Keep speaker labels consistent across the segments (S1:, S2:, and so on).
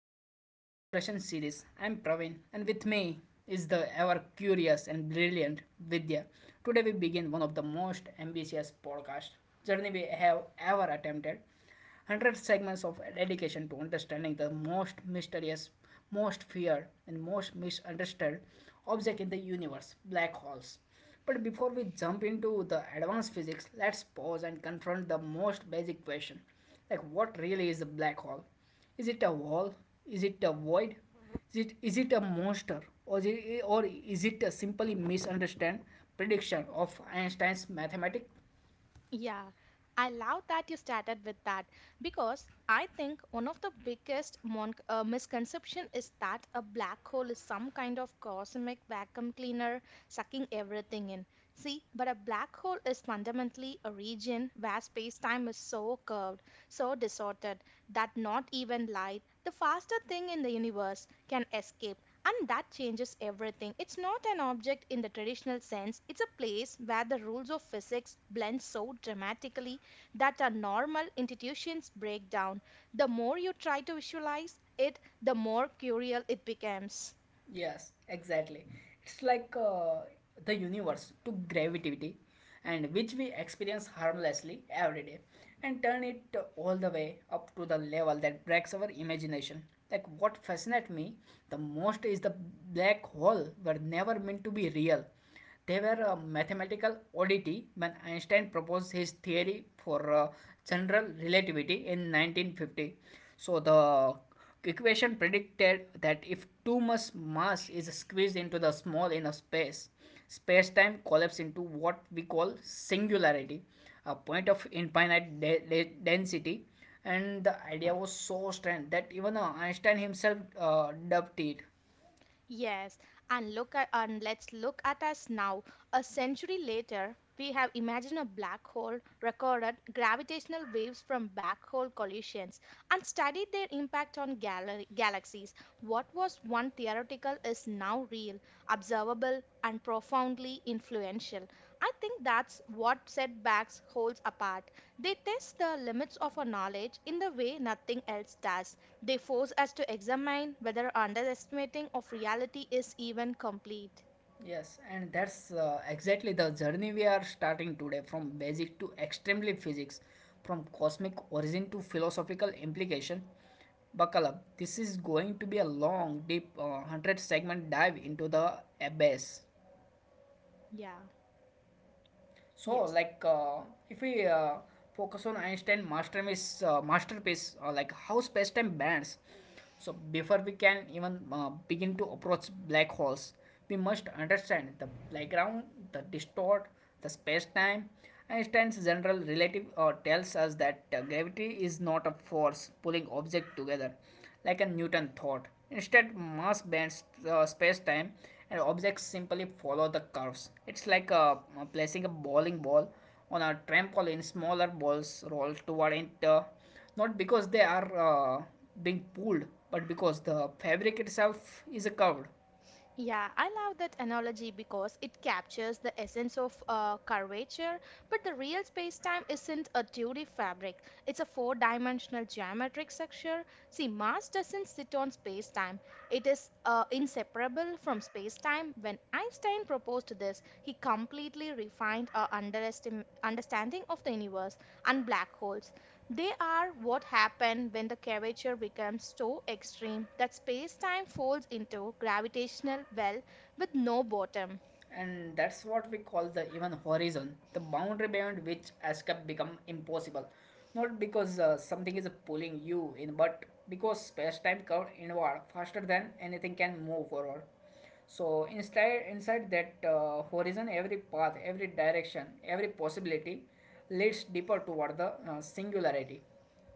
S1: cosmic exploration series. I'm Praveen, and with me is the ever curious and brilliant Vidya. Today we begin one of the most ambitious podcast journey we have ever attempted. 100 segments of dedication to understanding the most mysterious, most feared and most misunderstood object in the universe, black holes. But before we jump into the advanced physics, let's pause and confront the most basic question like, what really is a black hole? Is it a wall? Is it a void? Is it a monster? Or is it a simply misunderstand prediction of Einstein's mathematics?
S2: Yeah, I love that you started with that because I think one of the biggest mon misconception is that a black hole is some kind of cosmic vacuum cleaner sucking everything in. See, but a black hole is fundamentally a region where space-time is so curved, so distorted that not even light, the faster thing in the universe, can escape. And that changes everything. It's not an object in the traditional sense, it's a place where the rules of physics blend so dramatically that our normal institutions break down. The more you try to visualize it, the more curial it becomes.
S1: Yes, exactly. It's like the universe took gravity, and which we experience harmlessly every day, and turn it all the way up to the level that breaks our imagination. Like what fascinates me the most is the black hole were never meant to be real. They were a mathematical oddity when Einstein proposed his theory for general relativity in 1950. So the equation predicted that if too much mass is squeezed into the small enough space, space-time collapses into what we call singularity, a point of infinite density. And the idea was so strange that even Einstein himself dubbed it.
S2: Yes, and let's look at us now. A century later, we have imagined a black hole, recorded gravitational waves from black hole collisions, and studied their impact on galaxies. What was one theoretical is now real, observable, and profoundly influential. I think that's what setbacks holds apart. They test the limits of our knowledge in the way nothing else does. They force us to examine whether underestimating of reality is even complete.
S1: Yes, and that's exactly the journey we are starting today from basic to extremely physics, from cosmic origin to philosophical implication. Buckle up, this is going to be a long, deep, 100 segment dive into the abyss.
S2: Yeah,
S1: So,
S2: yes.
S1: like, uh, if we focus on Einstein masterpiece, like how space-time bends. So, before we can even begin to approach black holes, we must understand the background, the distort, the space-time. Einstein's general relative tells us that gravity is not a force pulling objects together, like a Newton thought. Instead, mass bends the space-time and objects simply follow the curves. It's like placing a bowling ball on a trampoline. Smaller balls roll toward it, not because they are being pulled, but because the fabric itself is curved.
S2: Yeah, I love that analogy because it captures the essence of curvature, but the real space-time isn't a 2D fabric. It's a four-dimensional geometric structure. See, Mars doesn't sit on space-time. It is inseparable from space-time. When Einstein proposed this, he completely refined our understanding of the universe and black holes. They are what happen when the curvature becomes so extreme that space time folds into gravitational well with no bottom.
S1: And that's what we call the even horizon, the boundary beyond which escape become impossible, not because something is pulling you in, but because space-time curved inward faster than anything can move forward. So inside that horizon, every path, every direction, every possibility leads deeper toward the singularity.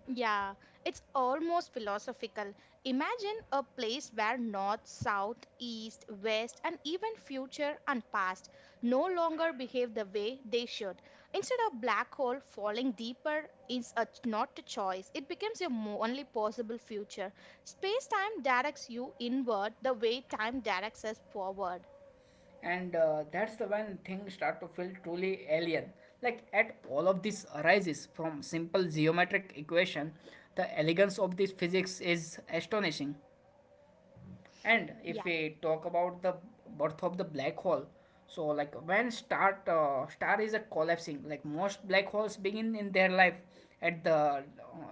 S2: Yeah, it's almost philosophical. Imagine a place where north, south, east, west, and even future and past no longer behave the way they should. Instead of black hole falling deeper is a, not a choice. It becomes your only possible future. Space-time directs you inward the way time directs us forward.
S1: And that's the when things start to feel truly alien. Like at all of this arises from simple geometric equation. The elegance of this physics is astonishing. And if
S2: Yeah.
S1: we talk about the birth of the black hole, so like when star is a collapsing, like most black holes begin in their life at the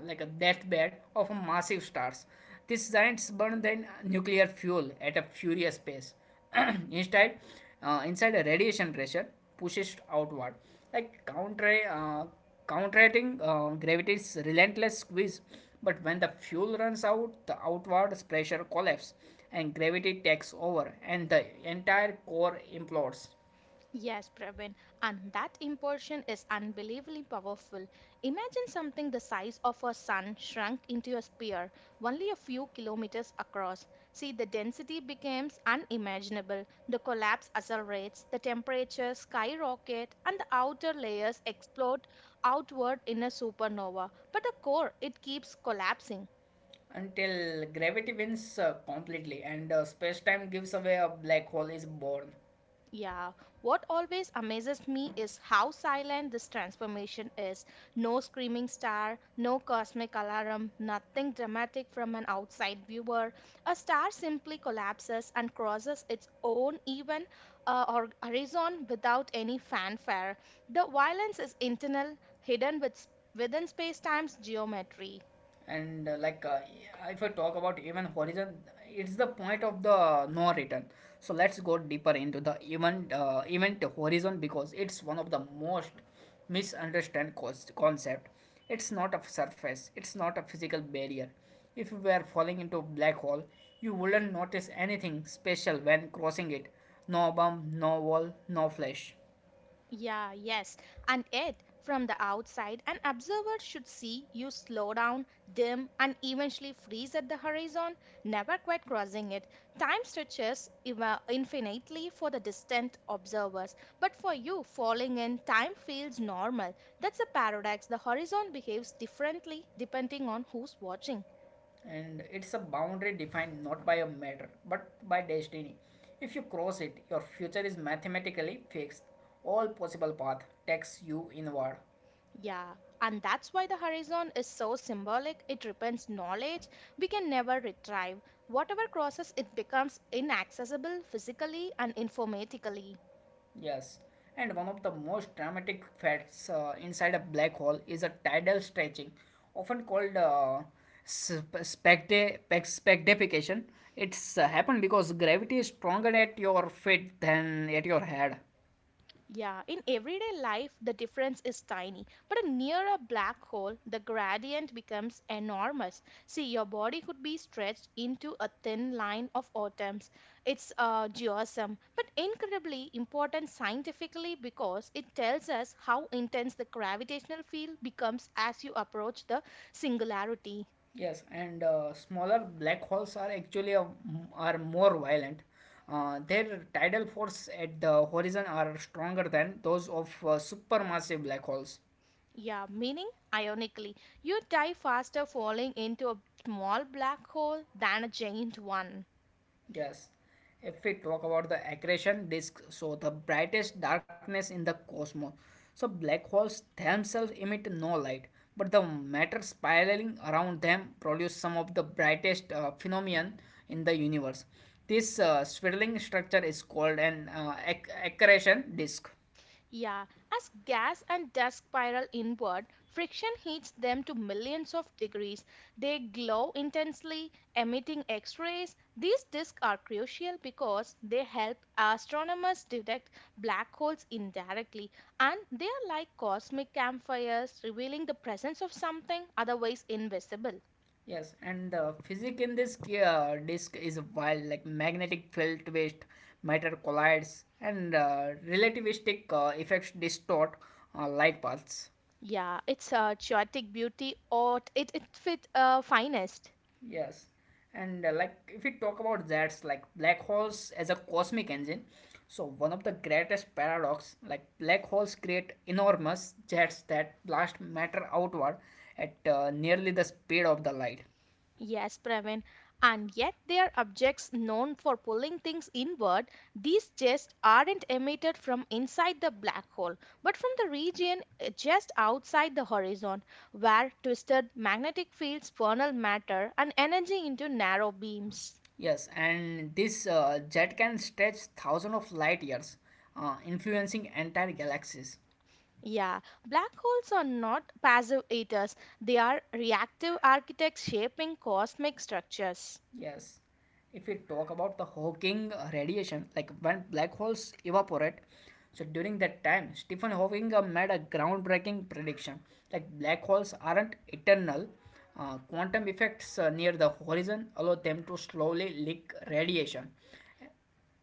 S1: like a deathbed of a massive stars. These giants burn their nuclear fuel at a furious pace. Instead, inside a radiation pressure pushes outward, like counterating gravity's relentless squeeze. But when the fuel runs out, the outward pressure collapses and gravity takes over, and the entire core implodes
S2: Yes, Pravin, and that impulsion is unbelievably powerful. Imagine something the size of a sun shrunk into a spear, only a few kilometers across. See, the density becomes unimaginable, the collapse accelerates, the temperature skyrocket, and the outer layers explode outward in a supernova. But the core, it keeps collapsing.
S1: until gravity wins completely, and space time gives away, a black hole is born.
S2: Yeah, what always amazes me is how silent this transformation is. No screaming star, no cosmic alarm, nothing dramatic from an outside viewer. A star simply collapses and crosses its own even or horizon without any fanfare. The violence is internal, within space-time's geometry.
S1: And if I talk about event horizon, it's the point of the no return. So let's go deeper into the event horizon, because it's one of the most misunderstood concept. It's not a surface, it's not a physical barrier. If you were falling into a black hole, you wouldn't notice anything special when crossing it. No bomb, no wall, no flash.
S2: Yeah, yes. And yet, from the outside, an observer should see you slow down, dim, and eventually freeze at the horizon, never quite crossing it. Time stretches infinitely for the distant observers, but for you, falling in, time feels normal. That's a paradox. The horizon behaves differently depending on who's watching.
S1: And it's a boundary defined not by a matter but by destiny. If you cross it, your future is mathematically fixed. All possible path takes you inward.
S2: Yeah, and that's why the horizon is so symbolic. It represents knowledge we can never retrieve. Whatever crosses it becomes inaccessible physically and informatically.
S1: Yes, and one of the most dramatic facts inside a black hole is a tidal stretching, often called sp- specta- spectification. It's happened because gravity is stronger at your feet than at your head.
S2: Yeah, in everyday life, the difference is tiny, but near a black hole, the gradient becomes enormous. See, your body could be stretched into a thin line of atoms. It's geosm, but incredibly important scientifically because it tells us how intense the gravitational field becomes as you approach the singularity.
S1: Yes, and smaller black holes are actually are more violent. Their tidal force at the horizon are stronger than those of supermassive black holes.
S2: Yeah, meaning, ironically, you die faster falling into a small black hole than a giant one.
S1: Yes. If we talk about the accretion disk, so the brightest darkness in the cosmos. So black holes themselves emit no light, but the matter spiraling around them produce some of the brightest phenomenon in the universe. This swirling structure is called an accretion disk.
S2: Yeah, as gas and dust spiral inward, friction heats them to millions of degrees. They glow intensely, emitting X rays. These disks are crucial because they help astronomers detect black holes indirectly, and they are like cosmic campfires, revealing the presence of something otherwise invisible.
S1: Yes, and the physics in this disk is wild, like magnetic field twist, matter collides, and relativistic effects distort light paths.
S2: Yeah, it's a chaotic beauty, or it fit finest.
S1: Yes, and like if we talk about that, like black holes as a cosmic engine, so one of the greatest paradox, like black holes create enormous jets that blast matter outward at nearly the speed of the light.
S2: Yes, Praveen. And yet they are objects known for pulling things inward. These jets aren't emitted from inside the black hole, but from the region just outside the horizon, where twisted magnetic fields funnel matter and energy into narrow beams.
S1: Yes, and this jet can stretch thousands of light years, influencing entire galaxies.
S2: Yeah, black holes are not passive eaters, they are reactive architects shaping cosmic structures.
S1: Yes. If we talk about the Hawking radiation, like when black holes evaporate, so during that time, Stephen Hawking made a groundbreaking prediction like black holes aren't eternal. Quantum effects near the horizon allow them to slowly leak radiation.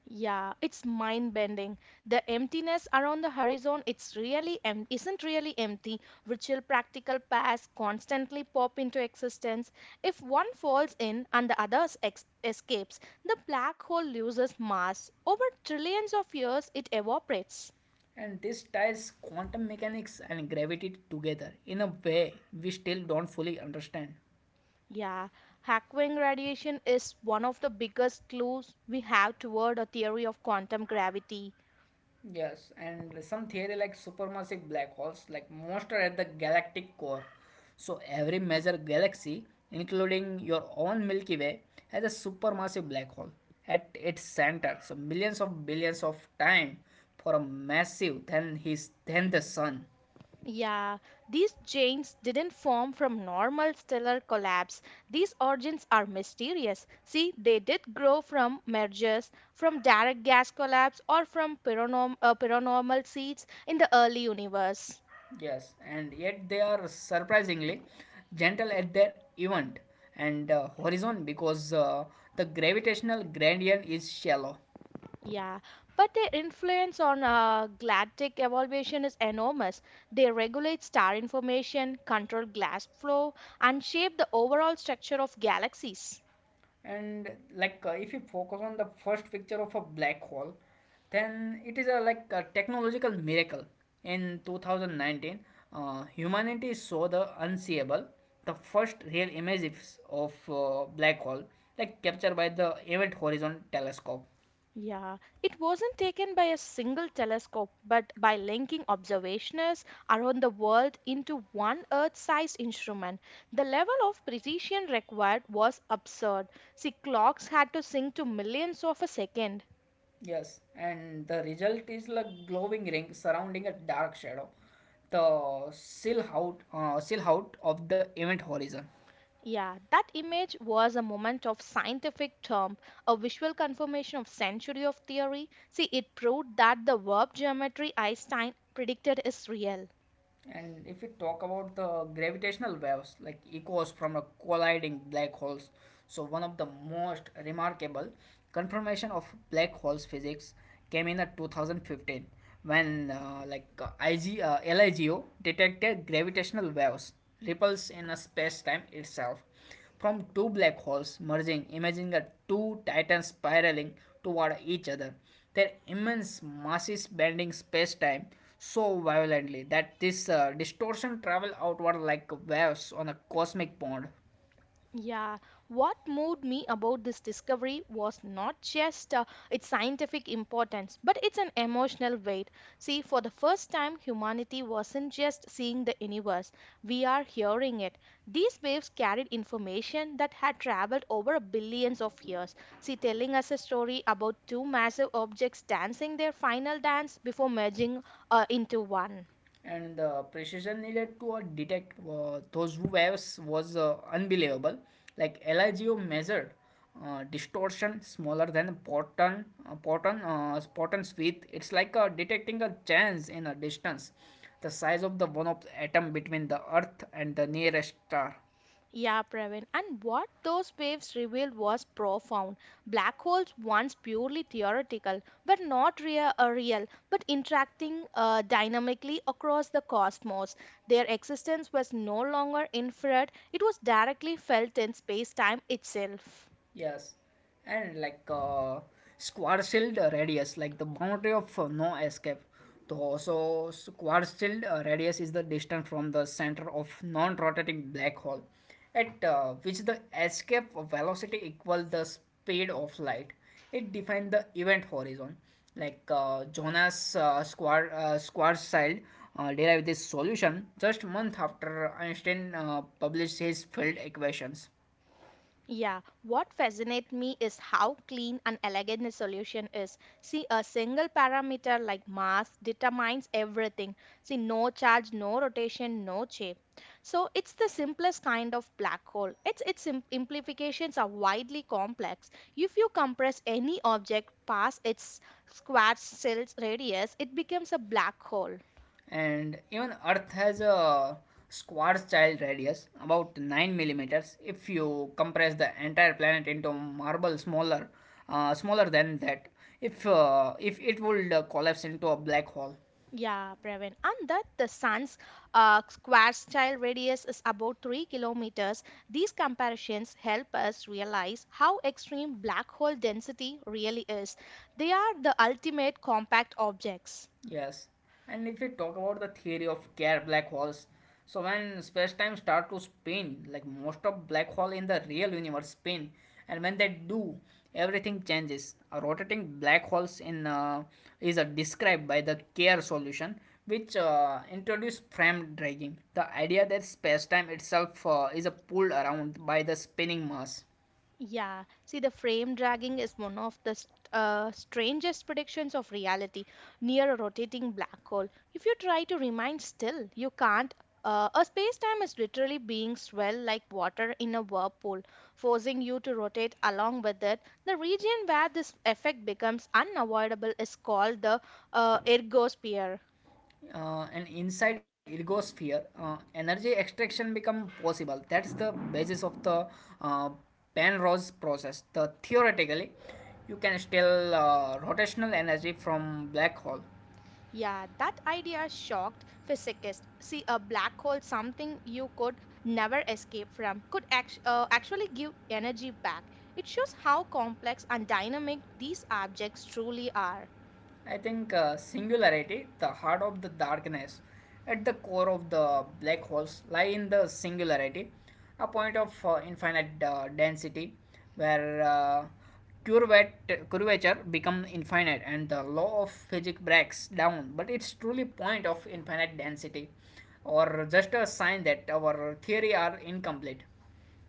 S2: Yeah, it's mind-bending. The emptiness around the horizon, isn't really empty. Virtual practical paths constantly pop into existence. If one falls in and the other escapes, the black hole loses mass. Over trillions of years, it evaporates.
S1: And this ties quantum mechanics and gravity together in a way we still don't fully understand.
S2: Yeah, Hawking radiation is one of the biggest clues we have toward a theory of quantum gravity.
S1: Yes, and some theory like supermassive black holes, like most are at the galactic core. So every major galaxy, including your own Milky Way, has a supermassive black hole at its center. So millions of billions of time for a massive than his than the sun.
S2: Yeah, these giants didn't form from normal stellar collapse. These origins are mysterious. See, they did grow from mergers, from direct gas collapse, or from paranormal seeds in the early universe.
S1: Yes, and yet they are surprisingly gentle at their event and horizon, because the gravitational gradient is shallow.
S2: Yeah, but their influence on galactic evolution is enormous. They regulate star information, control gas flow, and shape the overall structure of galaxies.
S1: And like if you focus on the first picture of a black hole, then it is a like a technological miracle. In 2019, humanity saw the unseeable, the first real images of black hole, like captured by the Event Horizon Telescope.
S2: Yeah, it wasn't taken by a single telescope, but by linking observations around the world into one Earth sized instrument. The level of precision required was absurd. See, clocks had to sync to millions of a second.
S1: Yes, and the result is like glowing ring surrounding a dark shadow, the silhouette of the event horizon.
S2: Yeah, that image was a moment of scientific term, a visual confirmation of century of theory. See, it proved that the verb geometry Einstein predicted is real.
S1: And if we talk about the gravitational waves, like echoes from a colliding black holes, so one of the most remarkable confirmation of black holes physics came in 2015 when IG, LIGO detected gravitational waves ripples in a space-time itself from two black holes merging, imaging the two titans spiraling toward each other. Their immense masses bending space-time so violently that this distortion travel outward like waves on a cosmic pond.
S2: Yeah, what moved me about this discovery was not just its scientific importance, but it's an emotional weight. See, for the first time, humanity wasn't just seeing the universe, we are hearing it. These waves carried information that had traveled over billions of years. See, telling us a story about two massive objects dancing their final dance before merging into one.
S1: And the precision needed to detect those waves was unbelievable. Like LIGO measured distortion smaller than a proton, a proton's width. It's like detecting a change in a distance the size of the one of the atom between the earth and the nearest star.
S2: Yeah, Pravin. And what those waves revealed was profound. Black holes, once purely theoretical, were not real, real but interacting dynamically across the cosmos. Their existence was no longer inferred, it was directly felt in space time itself.
S1: Yes, and like squad shield radius, like the boundary of no escape. Though, so squad shield radius is the distance from the center of non-rotating black hole, at which the escape velocity equals the speed of light. It defines the event horizon. Like Jonas squad shield derived this solution just month after Einstein published his field equations.
S2: Yeah, what fascinates me is how clean and elegant the solution is. See, a single parameter like mass determines everything. See, no charge, no rotation, no shape. So it's the simplest kind of black hole. Its implications are widely complex. If you compress any object past its square cell's radius, it becomes a black hole.
S1: And even earth has a squar's child radius about 9 millimeters. If you compress the entire planet into marble smaller smaller than that, if it would collapse into a black hole.
S2: Yeah, Pravin. And that the sun's square style radius is about 3 kilometers. These comparisons help us realize how extreme black hole density really is. They are the ultimate compact objects.
S1: Yes, and if we talk about the theory of care black holes, so when space-time start to spin, like most of black hole in the real universe spin, and when they do, everything changes. A rotating black holes in is described by the care solution, which introduce frame dragging, the idea that space-time itself is pulled around by the spinning mass.
S2: Yeah, see, the frame dragging is one of the st strangest predictions of reality near a rotating black hole. If you try to remain still, you can't. A space-time is literally being swelled like water in a whirlpool, forcing you to rotate along with it. The region where this effect becomes unavoidable is called the ergosphere.
S1: Uh, and inside ergosphere energy extraction become possible. That's the basis of the uh, penrose process. The theoretically you can still rotational energy from black hole.
S2: Yeah, that idea shocked physicists. See, a black hole, something you could never escape from, could actually give energy back. It shows how complex and dynamic these objects truly are.
S1: I think singularity, the heart of the darkness, at the core of the black holes, lie in the singularity, a point of infinite density where curvature becomes infinite and the law of physics breaks down. But it's truly point of infinite density, or just a sign that our theory are incomplete.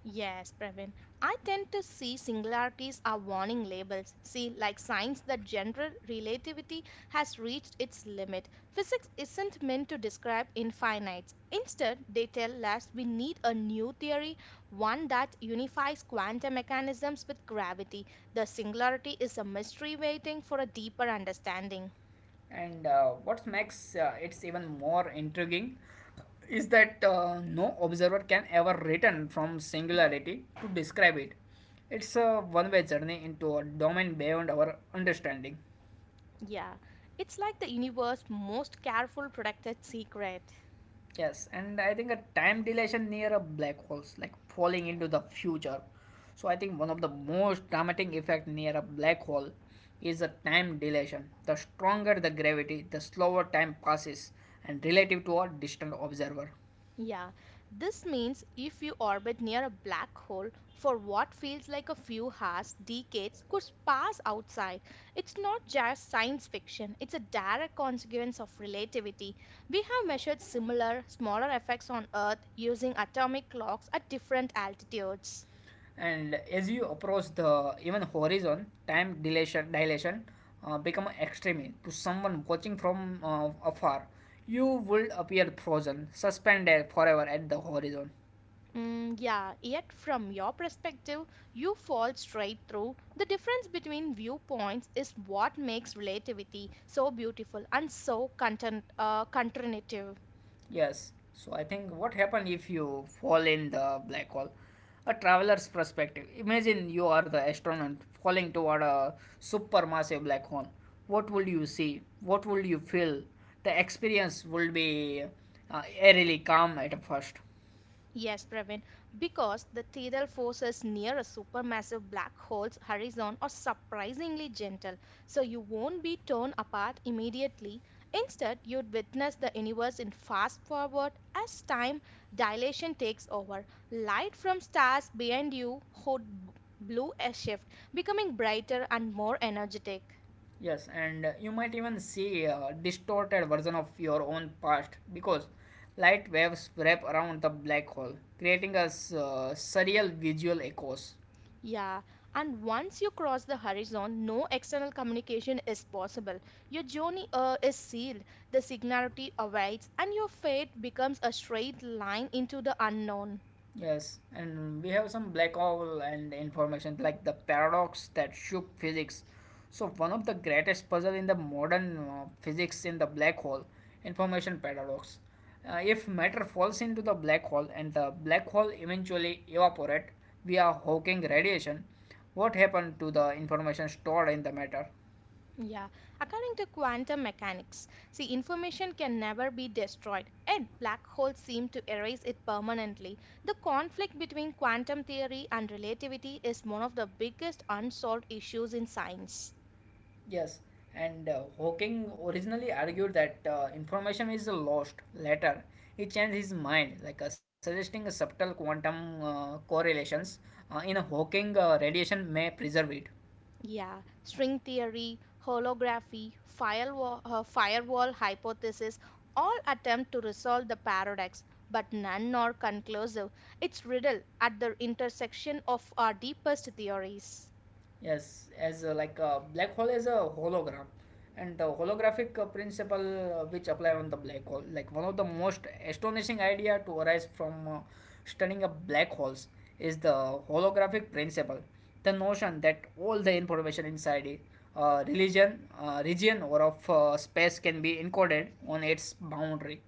S2: Yes, Praveen. I tend to see singularities are warning labels. See, like signs that general relativity has reached its limit. Physics isn't meant to describe infinites. Instead, they tell us we need a new theory, one that unifies quantum mechanisms with gravity. The singularity is a mystery waiting for a deeper understanding.
S1: And what makes it even more intriguing is that no observer can ever return from singularity to describe it. It's a one way journey into a domain beyond our understanding.
S2: Yeah, it's like the universe's most careful protected secret.
S1: Yes, and I think a time dilation near a black holes, like falling into the future. So I think one of the most dramatic effect near a black hole is a time dilation. The stronger the gravity, the slower time passes and relative to a distant observer.
S2: Yeah, this means if you orbit near a black hole for what feels like a few hours, decades could pass outside. It's not just science fiction, it's a direct consequence of relativity. We have measured similar, smaller effects on Earth using atomic clocks at different altitudes.
S1: And as you approach the even horizon, time dilation become extreme. To someone watching from afar, you would appear frozen, suspended forever at the horizon.
S2: Mm, yeah, yet from your perspective, you fall straight through. The difference between viewpoints is what makes relativity so beautiful and so counterintuitive.
S1: Yes, so I think what happened if you fall in the black hole, a traveler's perspective. Imagine you are the astronaut falling toward a supermassive black hole. What would you see? What would you feel? The experience would be eerily calm at first.
S2: Yes, Pravin, because the tidal forces near a supermassive black hole's horizon are surprisingly gentle, so you won't be torn apart immediately. Instead, you'd witness the universe in fast forward as time dilation takes over. Light from stars behind you would blue a shift, becoming brighter and more energetic.
S1: Yes, and you might even see a distorted version of your own past because light waves wrap around the black hole, creating surreal visual echoes.
S2: Yeah, and once you cross the horizon, no external communication is possible. Your journey is sealed, the singularity awaits, and your fate becomes a straight line into the unknown.
S1: Yes, and we have some black hole and information like the paradox that shook physics. So one of the greatest puzzle in the modern physics in the black hole, information paradox. If matter falls into the black hole and the black hole eventually evaporate via Hawking radiation, what happened to the information stored in the matter?
S2: Yeah, according to quantum mechanics, see, information can never be destroyed, and black holes seem to erase it permanently. The conflict between quantum theory and relativity is one of the biggest unsolved issues in science.
S1: Yes, and Hawking originally argued that information is lost. Later, he changed his mind, like suggesting a subtle quantum correlations in a Hawking radiation may preserve it.
S2: Yeah, string theory, holography, firewall hypothesis all attempt to resolve the paradox, but none are conclusive. It's riddle at the intersection of our deepest theories.
S1: Yes, as like a black hole is a hologram, and the holographic principle which apply on the black hole, like one of the most astonishing idea to arise from studying a black holes is the holographic principle, the notion that all the information inside a region or of space can be encoded on its boundary.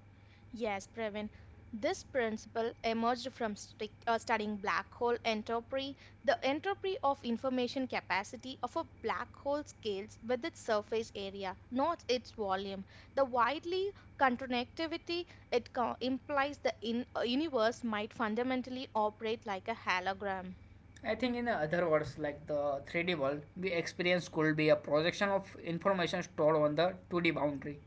S2: Yes, Pravin. This principle emerged from studying black hole entropy. The entropy of information capacity of a black hole scales with its surface area, not its volume. The widely contractivity it implies the universe might fundamentally operate like a hologram.
S1: I think in other words, like the 3D world, we experience could be a projection of information stored on the 2D boundary.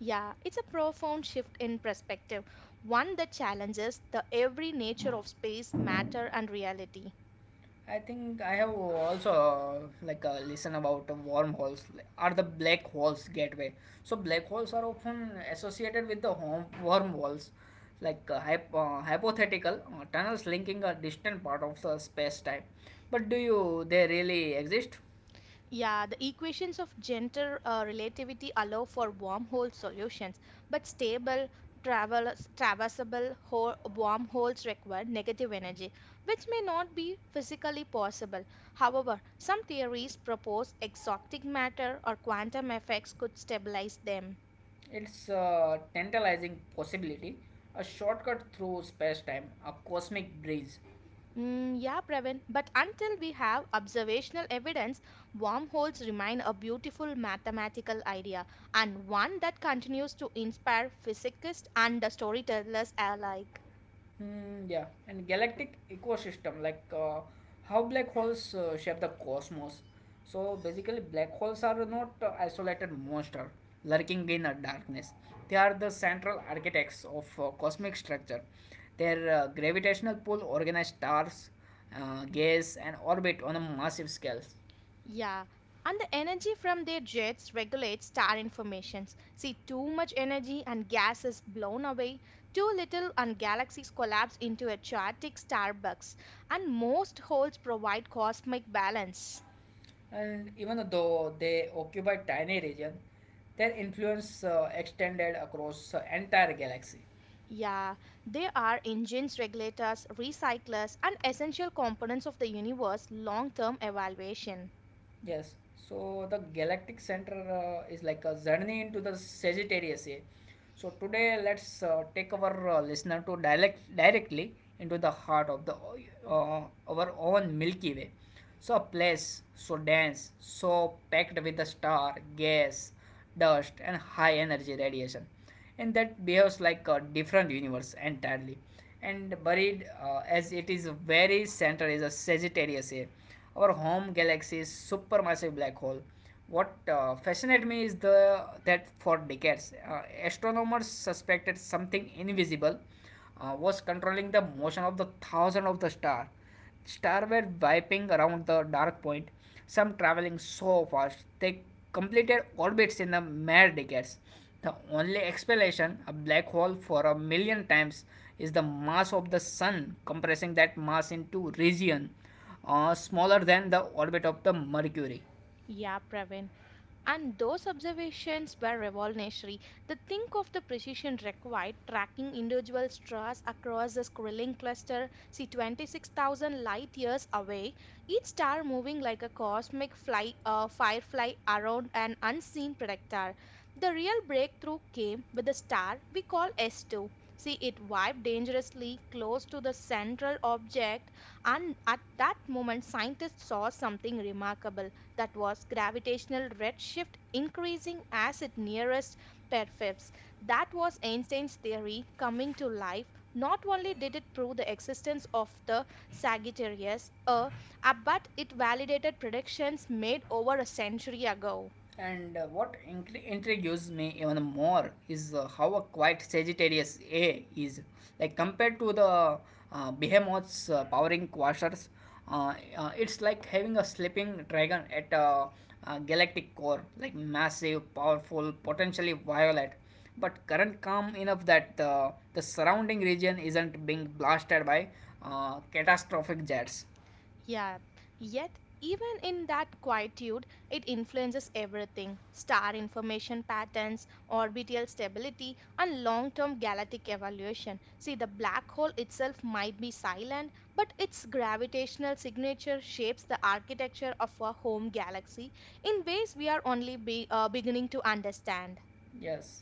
S2: Yeah, it's a profound shift in perspective, one that challenges the every nature of space, matter, and reality.
S1: I think I have also listen about wormholes, like, are the black holes gateway. So black holes are often associated with the home wormholes, like hypothetical tunnels linking a distant part of the space time. But do you they really exist?
S2: Yeah, the equations of general relativity allow for wormhole solutions, but stable, travel, traversable wormholes require negative energy, which may not be physically possible. However, some theories propose exotic matter or quantum effects could stabilize them.
S1: It's a tantalizing possibility, a shortcut through space time, a cosmic breeze.
S2: Yeah, Pravin, but until we have observational evidence, wormholes remain a beautiful mathematical idea and one that continues to inspire physicists and storytellers alike.
S1: Hmm, yeah, and galactic ecosystem like how black holes shape the cosmos. So basically, black holes are not isolated monster lurking in the darkness. They are the central architects of cosmic structure. Their gravitational pull organize stars, gas, and orbit on a massive scale.
S2: Yeah, and the energy from their jets regulates star informations. See, too much energy and gas is blown away, too little and galaxies collapse into a chaotic starbucks, and most holes provide cosmic balance.
S1: And even though they occupy tiny region, their influence extended across entire galaxy.
S2: Yeah, they are engines, regulators, recyclers, and essential components of the universe long term evaluation.
S1: Yes. So the galactic center is like a journey into the Sagittarius A. So today let's take our listener to direct directly into the heart of the uh, our own Milky Way. So a place so dense, so packed with the star, gas, dust, and high energy radiation, and that behaves like a different universe entirely. And buried as it is very center is a Sagittarius A, our home galaxy's supermassive black hole. What fascinated me is the that for decades, astronomers suspected something invisible was controlling the motion of the thousand of the star. Stars were whipping around the dark point, some traveling so fast they completed orbits in the mere decades. The only explanation, a black hole for 1 million times, is the mass of the sun compressing that mass into region smaller than the orbit of the Mercury.
S2: Yeah, Praveen. And those observations were revolutionary. They think of the precision required tracking individual stars across the Skrilling cluster, see 26,000 light years away, each star moving like a cosmic fly, firefly around an unseen predictor. The real breakthrough came with a star we call S2. See, it wiped dangerously close to the central object, and at that moment, scientists saw something remarkable that was gravitational redshift increasing as it nearest perfibs. That was Einstein's theory coming to life. Not only did it prove the existence of the Sagittarius A, but it validated predictions made over a century ago.
S1: And what intrigues me even more is how a quiet Sagittarius A is. Like compared to the behemoth's powering quasars, it's like having a sleeping dragon at a galactic core, like massive, powerful, potentially violent, but current calm enough that the surrounding region isn't being blasted by catastrophic jets.
S2: Yeah, yet even in that quietude, it influences everything star information patterns, orbital stability, and long term galactic evolution. See, the black hole itself might be silent, but its gravitational signature shapes the architecture of our home galaxy in ways we are only beginning to understand.
S1: Yes.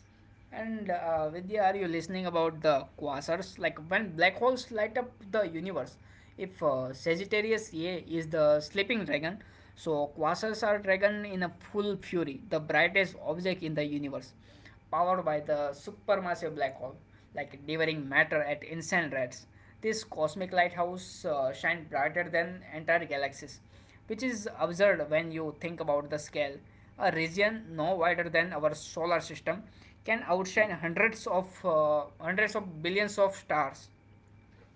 S1: And Vidya, are you listening about the quasars? Like when black holes light up the universe. If Sagittarius A is the sleeping dragon, so quasars are dragon in a full fury, the brightest object in the universe, powered by the supermassive black hole, like devouring matter at insane rates. This cosmic lighthouse shines brighter than entire galaxies, which is absurd when you think about the scale. A region no wider than our solar system can outshine hundreds of billions of stars.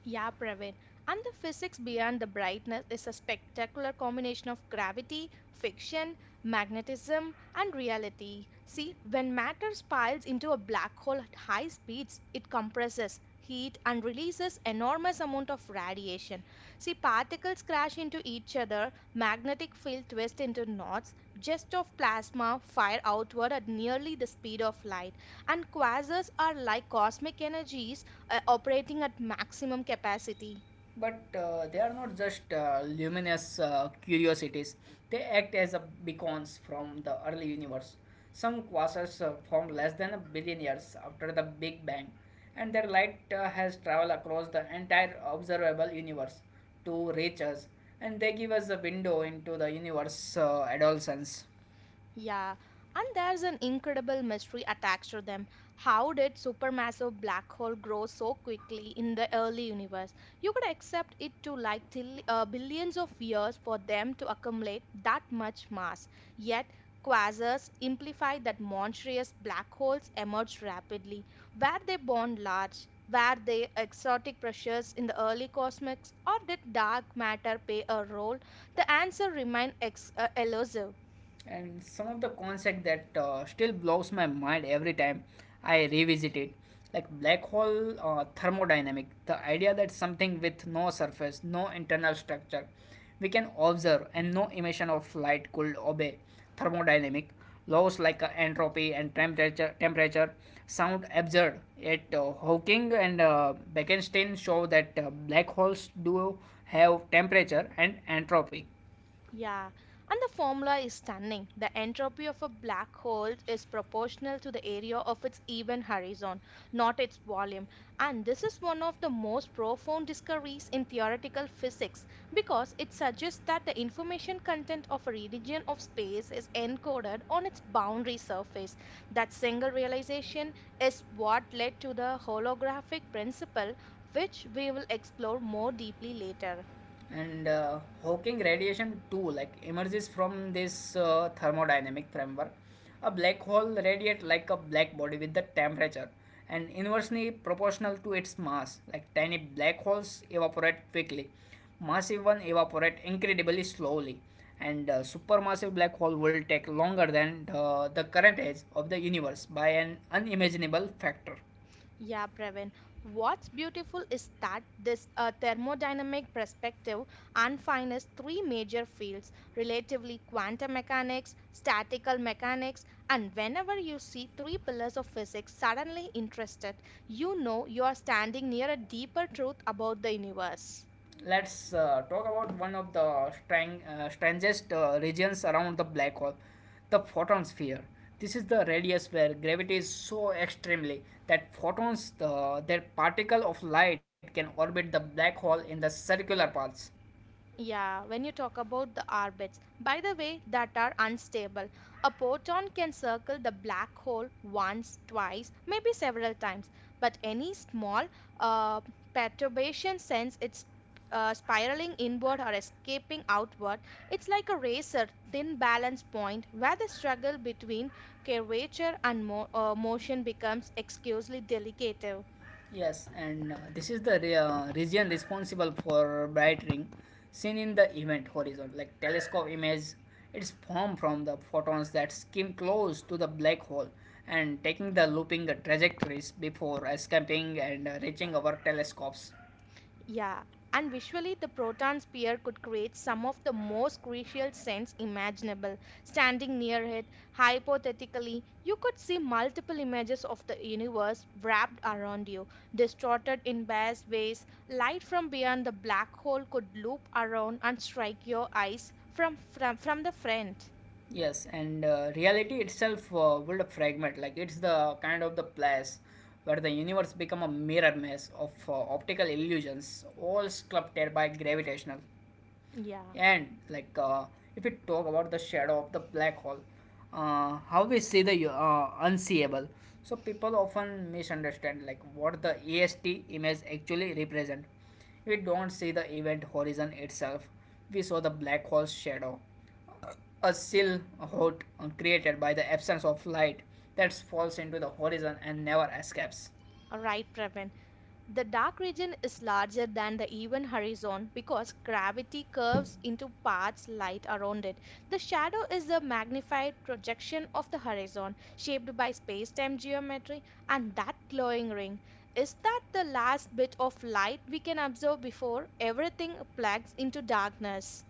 S2: Yeah, Praveen. And the physics beyond the brightness is a spectacular combination of gravity, fiction, magnetism, and reality. See, when matter spirals into a black hole at high speeds, it compresses heat and releases enormous amount of radiation. See, particles crash into each other, magnetic field twists into knots, jets of plasma fire outward at nearly the speed of light, and quasars are like cosmic energies operating at maximum capacity.
S1: But they are not just luminous curiosities, they act as a beacons from the early universe. Some quasars formed less than 1 billion years after the Big Bang, and their light has traveled across the entire observable universe to reach us, and they give us a window into the universe adolescence.
S2: Yeah, and there's an incredible mystery attached to them. How did supermassive black hole grow so quickly in the early universe? You could accept it to like till, billions of years for them to accumulate that much mass. Yet, quasars imply that monstrous black holes emerged rapidly. Were they born large? Were they exotic pressures in the early cosmos, or did dark matter play a role? The answer remains elusive.
S1: And some of the concept that still blows my mind every time I revisit it, like black hole thermodynamic, the idea that something with no surface, no internal structure we can observe, and no emission of light could obey thermodynamic laws like entropy and temperature sound absurd, yet Hawking and Bekenstein show that black holes do have temperature and entropy.
S2: Yeah, and the formula is stunning. The entropy of a black hole is proportional to the area of its event horizon, not its volume. And this is one of the most profound discoveries in theoretical physics because it suggests that the information content of a region of space is encoded on its boundary surface. That single realization is what led to the holographic principle, which we will explore more deeply later.
S1: And Hawking radiation too, like, emerges from this thermodynamic framework. A black hole radiates like a black body with the temperature and inversely proportional to its mass. Like tiny black holes evaporate quickly, massive ones evaporate incredibly slowly, and supermassive black hole will take longer than the current age of the universe by an unimaginable factor.
S2: Yeah, Pravin. What's beautiful is that this thermodynamic perspective unfines three major fields relatively quantum mechanics, statical mechanics, and whenever you see three pillars of physics suddenly interested, you know you are standing near a deeper truth about the universe.
S1: Let's talk about one of the strangest regions around the black hole, the photon sphere. This is the radius where gravity is so extremely that photons, their particle of light, can orbit the black hole in the circular paths.
S2: Yeah, when you talk about the orbits, by the way, that are unstable. A proton can circle the black hole once, twice, maybe several times, but any small uh, perturbation sends it's spiraling inward or escaping outward. It's like a razor thin balance point where the struggle between curvature and motion becomes excusely delicate.
S1: Yes, and this is the region responsible for bright ring seen in the event horizon, like telescope image. It's formed from the photons that skim close to the black hole and taking the looping trajectories before escaping and reaching our telescopes.
S2: Yeah, and visually, the proton spear could create some of the most crucial scents imaginable. Standing near it, hypothetically, you could see multiple images of the universe wrapped around you, distorted in various ways. Light from beyond the black hole could loop around and strike your eyes from the front.
S1: Yes, and reality itself would fragment, like it's the kind of the place where the universe become a mirror maze of optical illusions, all sculpted by gravitational.
S2: Yeah,
S1: And like if we talk about the shadow of the black hole, how we see the unseeable. So people often misunderstand like what the EST image actually represent. We don't see the event horizon itself. We saw the black hole's shadow, a seal hot created by the absence of light that falls into the horizon and never escapes.
S2: right, Pravin. The dark region is larger than the even horizon because gravity curves into paths light around it. The shadow is a magnified projection of the horizon shaped by space-time geometry and that glowing ring is that the last bit of light we can observe before everything plugs into darkness.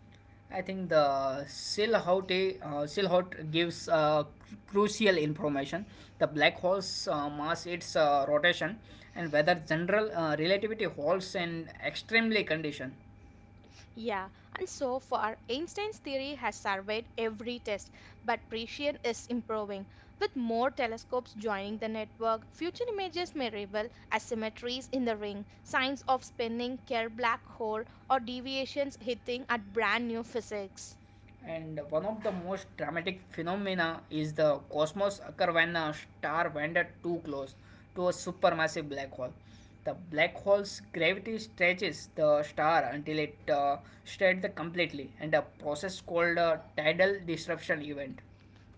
S1: I think the Silhouette gives crucial information: the black hole's mass, its rotation, and whether general relativity holds in extremely condition.
S2: Yeah, and so far, Einstein's theory has surveyed every test, but precision is improving. With more telescopes joining the network, future images may reveal asymmetries in the ring, signs of spinning Kerr black hole, or deviations hitting at brand new physics.
S1: And one of the most dramatic phenomena is the cosmos occur when a star wandered too close to a supermassive black hole. The black hole's gravity stretches the star until it stretches completely, and a process called a tidal disruption event.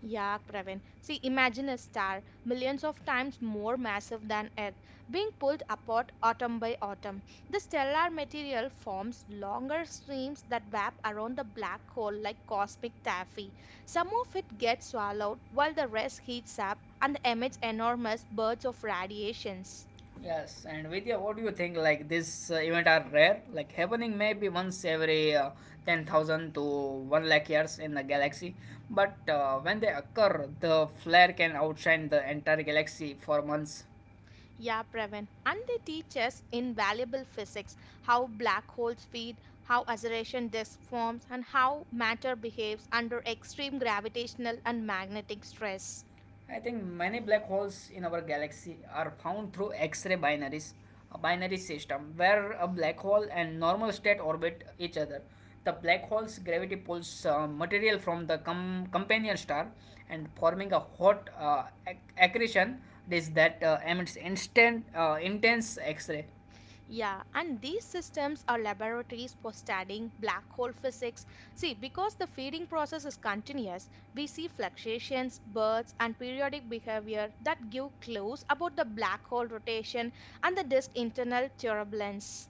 S2: Yeah, Pravin. See, imagine a star millions of times more massive than Earth being pulled apart atom by atom. The stellar material forms longer streams that wrap around the black hole like cosmic taffy. Some of it gets swallowed while the rest heats up and emits enormous bursts of radiations.
S1: Yes, and Vidya, what do you think? Like this event are rare, like happening maybe once every 10,000 to 1 lakh years in the galaxy. But when they occur, the flare can outshine the entire galaxy for months.
S2: Yeah, Pravin. And they teach us invaluable physics, how black holes feed, how acceleration disk forms, and how matter behaves under extreme gravitational and magnetic stress.
S1: I think many black holes in our galaxy are found through X ray binaries, a binary system where a black hole and normal state orbit each other. The black hole's gravity pulls material from the companion star and forming a hot accretion disk that emits intense X ray.
S2: Yeah, and these systems are laboratories for studying black hole physics. See, because the feeding process is continuous, we see fluctuations, bursts, and periodic behavior that give clues about the black hole rotation and the disk internal turbulence.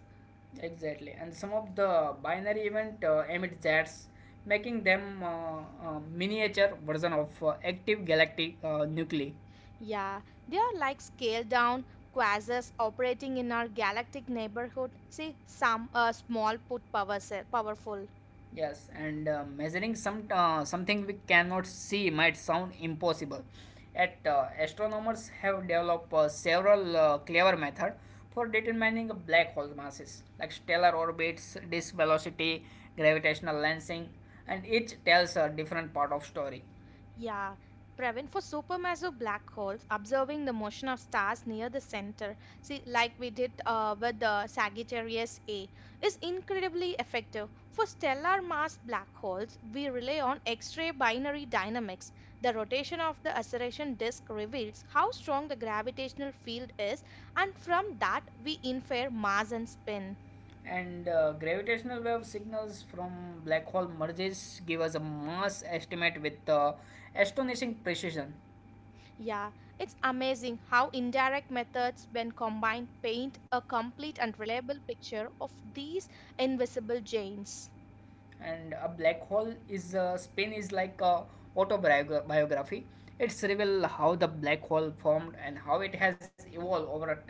S1: Exactly, and some of the binary event emit jets, making them miniature version of active galactic nuclei.
S2: Yeah, they are like scaled down quasars operating in our galactic neighborhood. See, some small put powerful.
S1: Yes, and measuring something we cannot see might sound impossible. At astronomers have developed several clever methods for determining black hole masses, like stellar orbits, disk velocity, gravitational lensing, and each tells a different part of story.
S2: Yeah, Pravin, for supermassive black holes, observing the motion of stars near the center, see, like we did with the Sagittarius A, is incredibly effective. For stellar mass black holes, we rely on X-ray binary dynamics. The rotation of the acceleration disk reveals how strong the gravitational field is, and from that we infer mass and spin.
S1: And gravitational wave signals from black hole merges give us a mass estimate with astonishing precision.
S2: Yeah, it's amazing how indirect methods, when combined, paint a complete and reliable picture of these invisible giants.
S1: And a black hole is spin is like a autobiography. It's reveal how the black hole formed and how it has evolved over a time.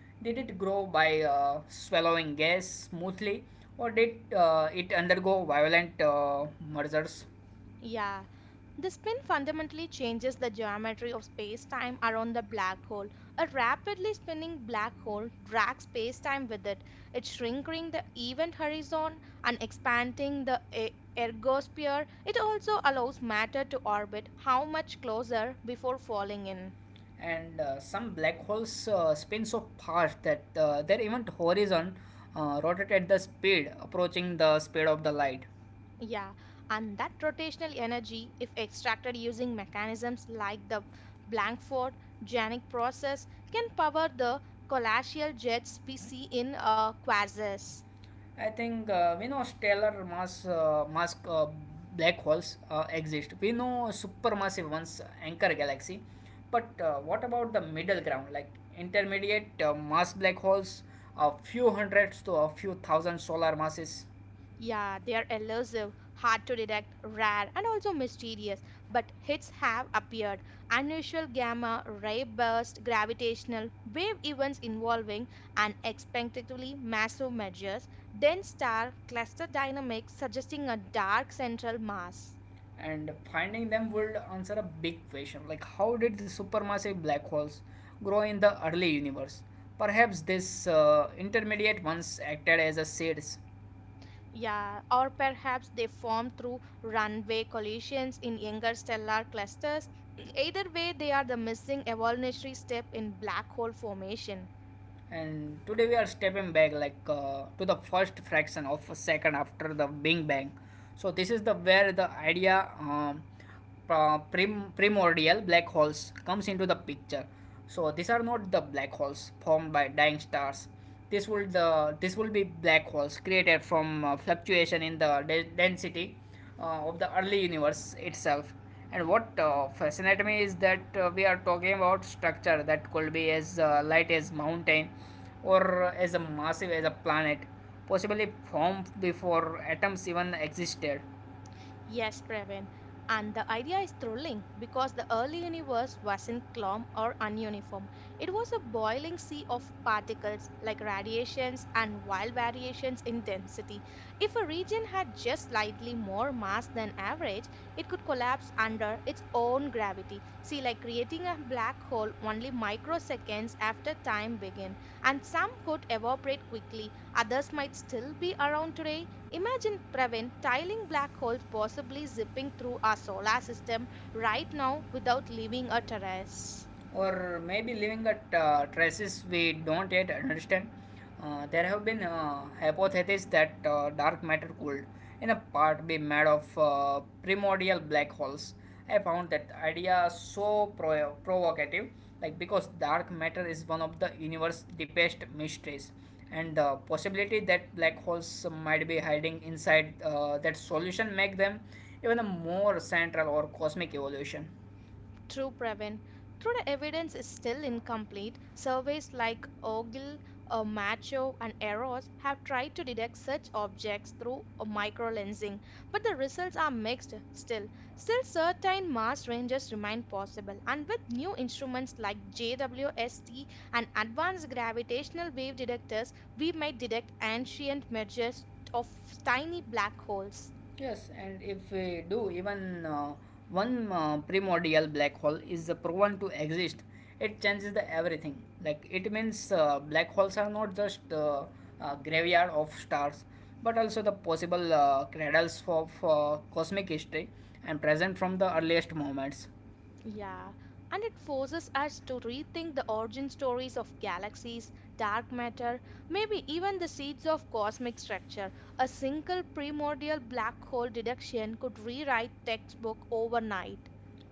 S1: Did it grow by swallowing gas smoothly, or did it undergo violent mergers?
S2: Yeah, the spin fundamentally changes the geometry of space time around the black hole. A rapidly spinning black hole drags space time with it, it shrinking the event horizon and expanding the ergosphere. It also allows matter to orbit how much closer before falling in.
S1: And some black holes spin so fast that their event horizon rotates at the speed approaching the speed of the light.
S2: Yeah, and that rotational energy, if extracted using mechanisms like the Blankford Janik process, can power the collateral jets we see in quasars.
S1: I think we know stellar mass black holes exist. We know supermassive ones anchor galaxy, but what about the middle ground, like intermediate mass black holes, a few hundreds to a few thousand solar masses?
S2: Yeah, they are elusive, hard to detect, rare, and also mysterious, but hits have appeared. Unusual gamma ray burst, gravitational wave events involving unexpectedly massive measures, dense star cluster dynamics suggesting a dark central mass.
S1: And finding them would answer a big question, like how did the supermassive black holes grow in the early universe? Perhaps these intermediate ones acted as a seeds.
S2: Yeah, or perhaps they form through runaway collisions in younger stellar clusters. Either way, they are the missing evolutionary step in black hole formation.
S1: And today we are stepping back to the first fraction of a second after the big bang. So this is the where the idea primordial black holes comes into the picture. So these are not the black holes formed by dying stars. This will the this will be black holes created from fluctuation in the density of the early universe itself. And what fascinates me is that we are talking about structure that could be as light as mountain, or as a massive as a planet, possibly formed before atoms even existed.
S2: Yes, Praveen. And the idea is thrilling because the early universe wasn't calm or ununiform. It was a boiling sea of particles like radiations and wild variations in density. If a region had just slightly more mass than average, it could collapse under its own gravity. See, like creating a black hole only microseconds after time began. And some could evaporate quickly, others might still be around today. Imagine Pravin tiling black holes possibly zipping through our solar system right now without leaving a terrace.
S1: Or maybe living at traces we don't yet understand. There have been hypotheses that dark matter could, in a part, be made of primordial black holes. I found that idea so provocative, like because dark matter is one of the universe's deepest mysteries, and the possibility that black holes might be hiding inside that solution make them even a more central or cosmic evolution.
S2: True, Pravin. Though the evidence is still incomplete, surveys like Ogle, Macho, and Eros have tried to detect such objects through microlensing, but the results are mixed still. Still, certain mass ranges remain possible, and with new instruments like JWST and advanced gravitational wave detectors, we might detect ancient mergers of tiny black holes.
S1: Yes, and if we do, even one primordial black hole is proven to exist, it changes the everything. Like it means black holes are not just a graveyard of stars, but also the possible cradles of cosmic history and present from the earliest moments.
S2: Yeah, and it forces us to rethink the origin stories of galaxies, dark matter, maybe even the seeds of cosmic structure. A single primordial black hole deduction could rewrite textbook overnight.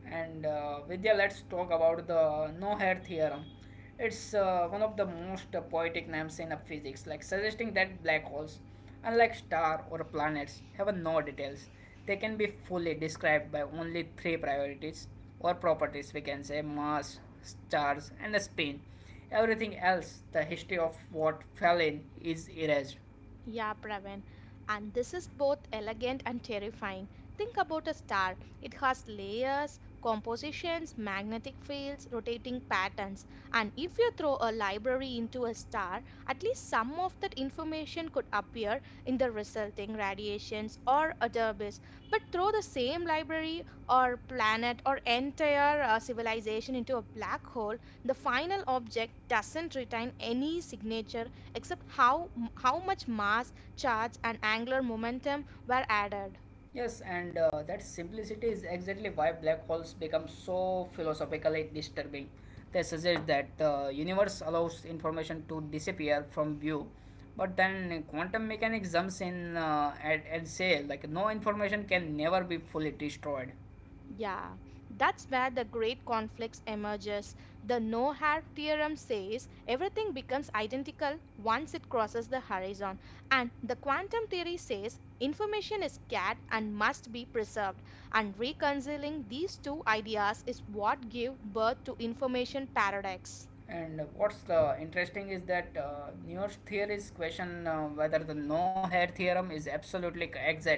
S1: And Vidya, let's talk about the no-hair theorem. It's one of the most poetic names in physics, like suggesting that black holes, unlike star or planets, have no details. They can be fully described by only three priorities or properties. We can say mass, stars, and spin. Everything else, the history of what fell in, is erased.
S2: Yeah, Pravin. And this is both elegant and terrifying. Think about a star. It has layers, compositions, magnetic fields, rotating patterns. And if you throw a library into a star, at least some of that information could appear in the resulting radiations or adorbis. But throw the same library or planet or entire civilization into a black hole, the final object doesn't retain any signature except how much mass, charge, and angular momentum were added.
S1: Yes, and that simplicity is exactly why black holes become so philosophically disturbing. They suggest that the universe allows information to disappear from view, but then quantum mechanics jumps in and say like no information can never be fully destroyed.
S2: Yeah, that's where the great conflicts emerges. The no-Hart theorem says everything becomes identical once it crosses the horizon, and the quantum theory says information is scattered and must be preserved. And reconciling these two ideas is what gave birth to information paradox.
S1: And what's the interesting is that Nernst theories question whether the no-hair theorem is absolutely exact.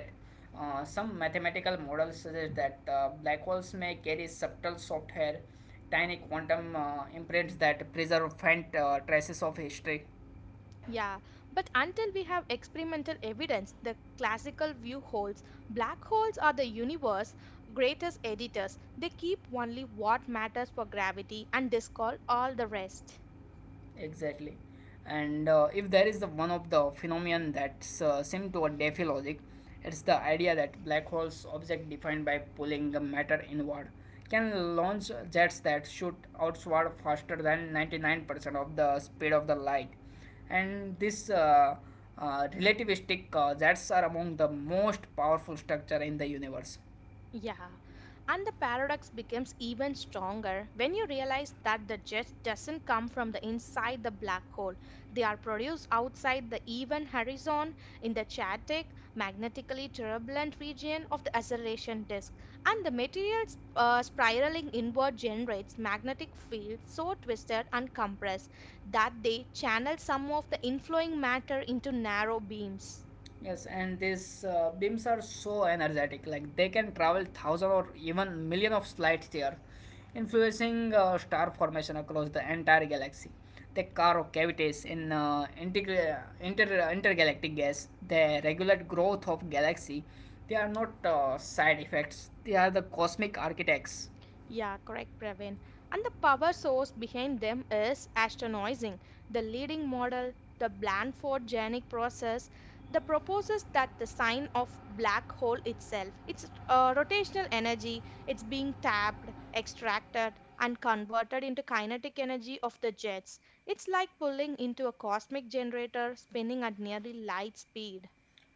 S1: Some mathematical models suggest that black holes may carry subtle soft hair, tiny quantum imprints that preserve faint traces of history.
S2: Yeah, but until we have experimental evidence, the classical view holds. Black holes are the universe's greatest editors. They keep only what matters for gravity and discard all the rest.
S1: Exactly. And if there is the one of the phenomenon that's similar to a Diffie logic, it's the idea that black holes object defined by pulling the matter inward can launch jets that shoot outward faster than 99% of the speed of the light. And these relativistic jets are among the most powerful structure in the universe.
S2: Yeah, and the paradox becomes even stronger when you realize that the jets doesn't come from the inside the black hole. They are produced outside the event horizon in the chaotic, magnetically turbulent region of the acceleration disk, and the materials spiraling inward generates magnetic fields so twisted and compressed that they channel some of the inflowing matter into narrow beams.
S1: Yes, and these beams are so energetic, like they can travel thousand or even million of light years, influencing star formation across the entire galaxy. They carve cavities in intergalactic gas. They regulate growth of galaxy. They are not side effects. They are the cosmic architects.
S2: Yeah, correct, Praveen. And the power source behind them is astonishing. The leading model, the Blandford Janic process, the proposes that the sign of black hole itself, its rotational energy, it's being tapped, extracted, and converted into kinetic energy of the jets. It's like pulling into a cosmic generator spinning at nearly light speed.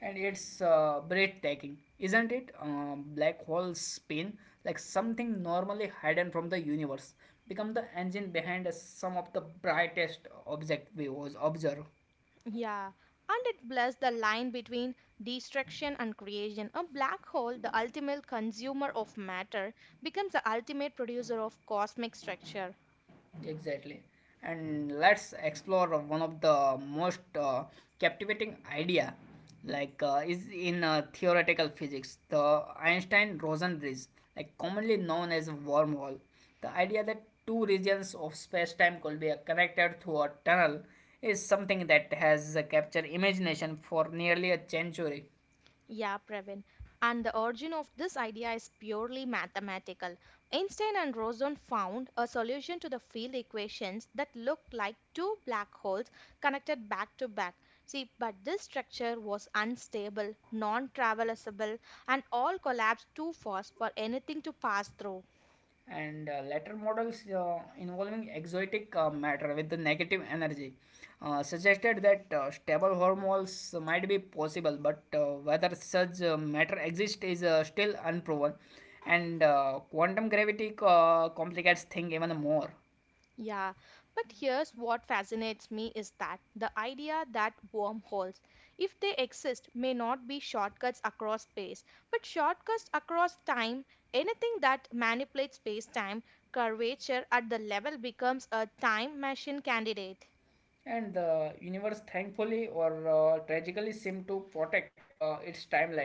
S1: And it's breathtaking, isn't it? Black hole spin, like something normally hidden from the universe, become the engine behind some of the brightest object we was observed.
S2: Yeah, and it blurs the line between destruction and creation. A black hole, the ultimate consumer of matter, becomes the ultimate producer of cosmic structure.
S1: Exactly. And let's explore one of the most captivating idea is in theoretical physics, the Einstein-Rosen bridge, like commonly known as a wormhole. The idea that two regions of space-time could be connected through a tunnel is something that has captured imagination for nearly a century.
S2: Yeah, Pravin. And the origin of this idea is purely mathematical. Einstein and Rosen found a solution to the field equations that looked like two black holes connected back to back. See, but this structure was unstable, non traversable, and all collapsed too fast for anything to pass through.
S1: And later models involving exotic matter with the negative energy suggested that stable wormholes might be possible, but whether such matter exists is still unproven, and quantum gravity complicates things even more.
S2: Yeah, but here's what fascinates me is that the idea that wormholes, if they exist, may not be shortcuts across space, but shortcuts across time, anything that manipulates space time curvature at the level becomes a time machine candidate.
S1: And the universe, thankfully or tragically, seemed to protect its timeline.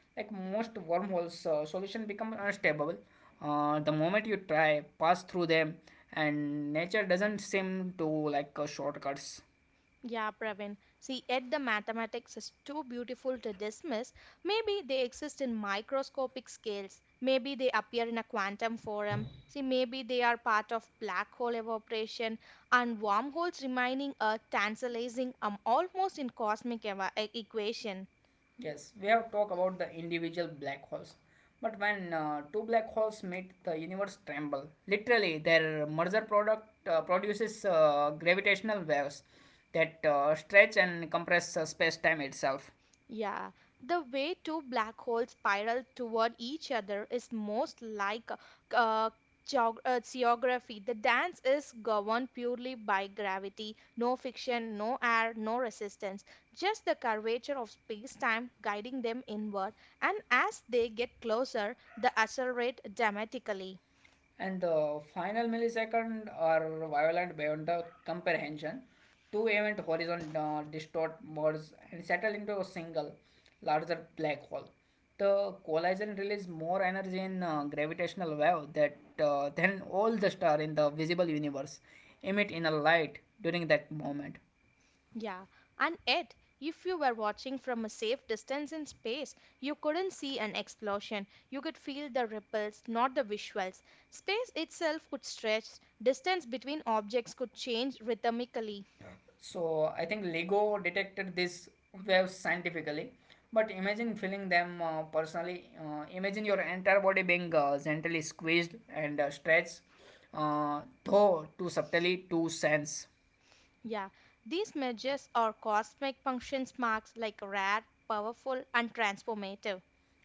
S1: Like most wormholes, solution become unstable. The moment you try, pass through them, and nature doesn't seem to like shortcuts.
S2: Yeah, Pravin. See, yet the mathematics is too beautiful to dismiss. Maybe they exist in microscopic scales. Maybe they appear in a quantum form. See, maybe they are part of black hole evaporation and wormholes remaining a tantalizing, almost in cosmic equation.
S1: Yes, we have talked about the individual black holes, but when two black holes meet, the universe tremble. Literally, their merger product produces gravitational waves that stretch and compress space-time itself.
S2: Yeah, the way two black holes spiral toward each other is most like uh, geography. The dance is governed purely by gravity, no friction, no air, no resistance, just the curvature of space-time guiding them inward. And as they get closer, they accelerate dramatically.
S1: And the final millisecond are violent beyond the comprehension. Two event horizon distort merge and settle into a single larger black hole. The collision releases more energy in gravitational wave that than all the stars in the visible universe emit in a light during that moment.
S2: Yeah, and yet, if you were watching from a safe distance in space, you couldn't see an explosion. You could feel the ripples, not the visuals. Space itself could stretch, distance between objects could change rhythmically.
S1: So I think Lego detected this waves scientifically, but imagine feeling them personally. Imagine your entire body being gently squeezed and stretched, though too subtly to sense.
S2: Yeah, these measures are cosmic functions marks like rare, powerful, and transformative.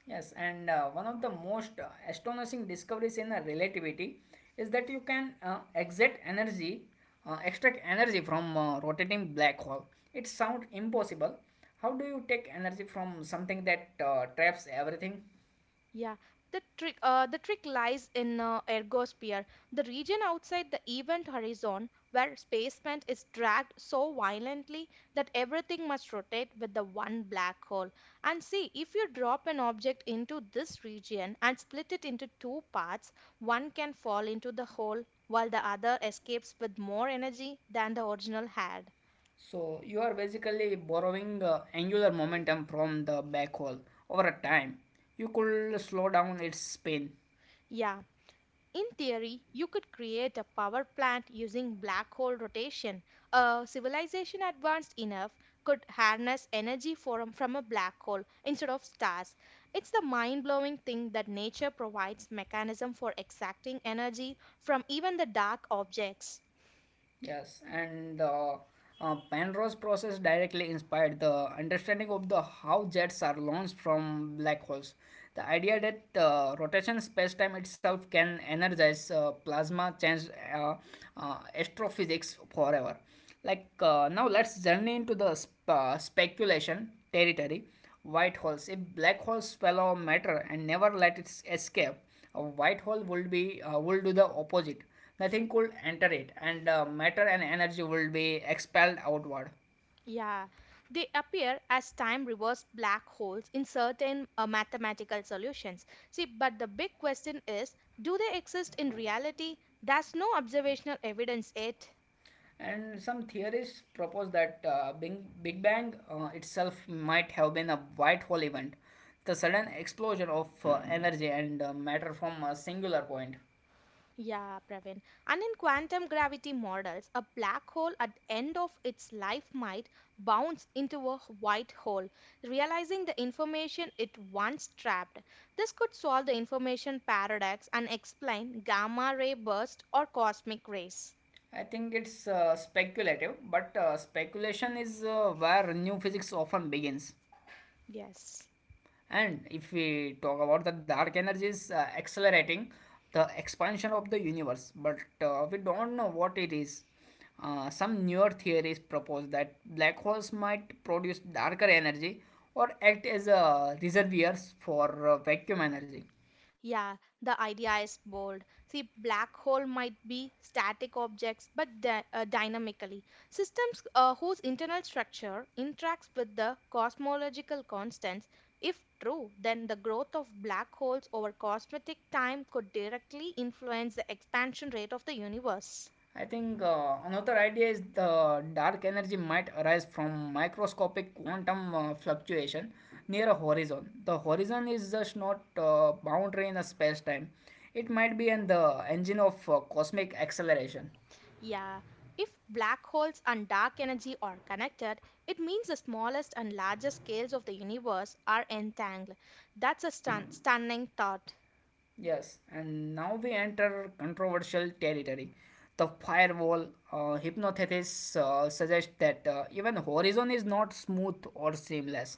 S1: Yes, and one of the most astonishing discoveries in relativity is that you can extract energy from rotating black hole. It sounds impossible. How do you take energy from something that traps everything?
S2: Yeah, the trick lies in ergosphere, the region outside the event horizon where spacement is dragged so violently that everything must rotate with the one black hole. And see, if you drop an object into this region and split it into two parts, one can fall into the hole while the other escapes with more energy than the original had.
S1: So you are basically borrowing angular momentum from the backhaul over a time. You could slow down its spin.
S2: Yeah, in theory, you could create a power plant using black hole rotation. A civilization advanced enough could harness energy from a black hole instead of stars. It's the mind blowing thing that nature provides mechanism for exacting energy from even the dark objects.
S1: Yes, and the Penrose process directly inspired the understanding of the how jets are launched from black holes. The idea that the rotation space-time itself can energize plasma changed astrophysics forever. Now, let's journey into the speculation territory. White holes. If black holes swallow matter and never let it escape, a white hole would be would do the opposite. Nothing could enter it, and matter and energy would be expelled outward.
S2: Yeah, they appear as time reversed black holes in certain mathematical solutions. See, but the big question is do they exist in reality? There's no observational evidence yet.
S1: And some theorists propose that Big Bang itself might have been a white hole event, the sudden explosion of energy and matter from a singular point.
S2: Yeah, Praveen. And in quantum gravity models, a black hole at the end of its life might bounce into a white hole, realizing the information it once trapped. This could solve the information paradox and explain gamma ray bursts or cosmic rays.
S1: I think it's speculative, but speculation is where new physics often begins.
S2: Yes.
S1: And if we talk about the dark energy is accelerating the expansion of the universe, but we don't know what it is. Some newer theories propose that black holes might produce darker energy or act as a reservoirs for vacuum energy.
S2: Yeah, the idea is bold. See, black hole might be static objects, but dynamically systems whose internal structure interacts with the cosmological constants. If true, then the growth of black holes over cosmetic time could directly influence the expansion rate of the universe.
S1: I think another idea is the dark energy might arise from microscopic quantum fluctuation near a horizon. The horizon is just not boundary in a space time. It might be in the engine of cosmic acceleration.
S2: Yeah, if black holes and dark energy are connected, it means the smallest and largest scales of the universe are entangled. That's a stunning thought.
S1: Yes, and now we enter controversial territory. The firewall hypnothetists suggest that even horizon is not smooth or seamless.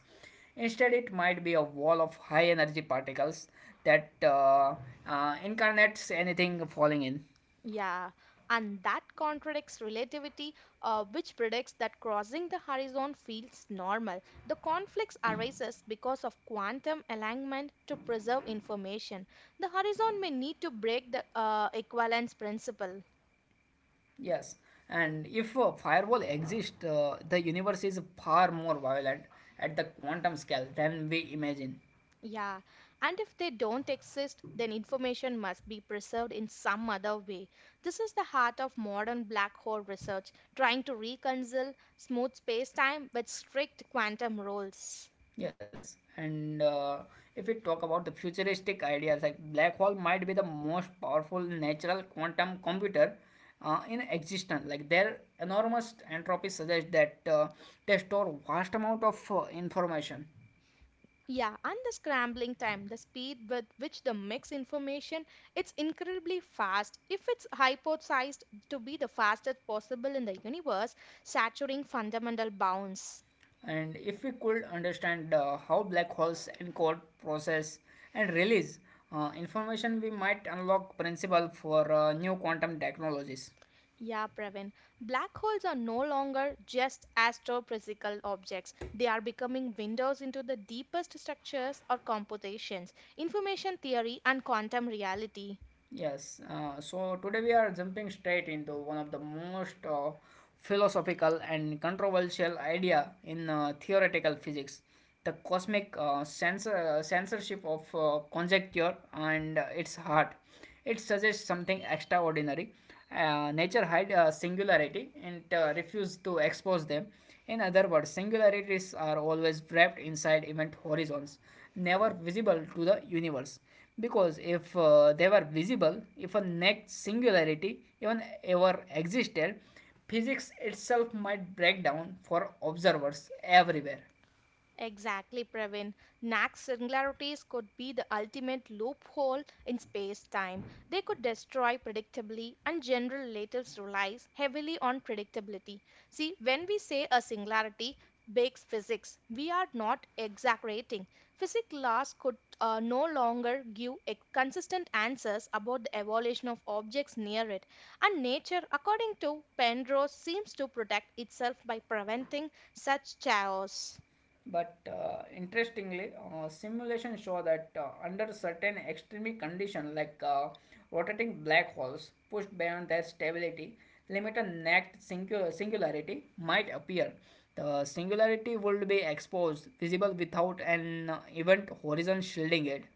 S1: Instead, it might be a wall of high energy particles that incarnates anything falling in.
S2: Yeah, and that contradicts relativity, which predicts that crossing the horizon feels normal. The conflicts arises because of quantum alignment to preserve information. The horizon may need to break the equivalence principle.
S1: Yes, and if a firewall exists, the universe is far more violent at the quantum scale than we imagine.
S2: Yeah, and if they don't exist, then information must be preserved in some other way. This is the heart of modern black hole research, trying to reconcile smooth space time with strict quantum rules.
S1: Yes, and if we talk about the futuristic ideas, like black hole might be the most powerful natural quantum computer in existence. Like their enormous entropy suggests that they store vast amount of information.
S2: Yeah, and the scrambling time, the speed with which the mix information, it's incredibly fast. If it's hypothesized to be the fastest possible in the universe, saturating fundamental bounds.
S1: And if we could understand how black holes encode, process, and release information, we might unlock principle for new quantum technologies.
S2: Yeah, Pravin. Black holes are no longer just astrophysical objects. They are becoming windows into the deepest structures or computations, information theory, and quantum reality.
S1: Yes, so today we are jumping straight into one of the most philosophical and controversial idea in theoretical physics, the cosmic censorship of conjecture and its heart. It suggests something extraordinary. Nature hide singularity and refuse to expose them. In other words, singularities are always wrapped inside event horizons, never visible to the universe. Because if they were visible, if a next singularity even ever existed, physics itself might break down for observers everywhere.
S2: Exactly, Pravin. Nax's singularities could be the ultimate loophole in space time. They could destroy predictably, and general relatives relies heavily on predictability. See, when we say a singularity breaks physics, we are not exaggerating. Physics laws could no longer give consistent answers about the evolution of objects near it. And nature, according to Penrose, seems to protect itself by preventing such chaos.
S1: But interestingly, simulations show that under certain extreme conditions, rotating black holes pushed beyond their stability, limit a next singularity might appear. The singularity would be exposed, visible without an event horizon shielding it.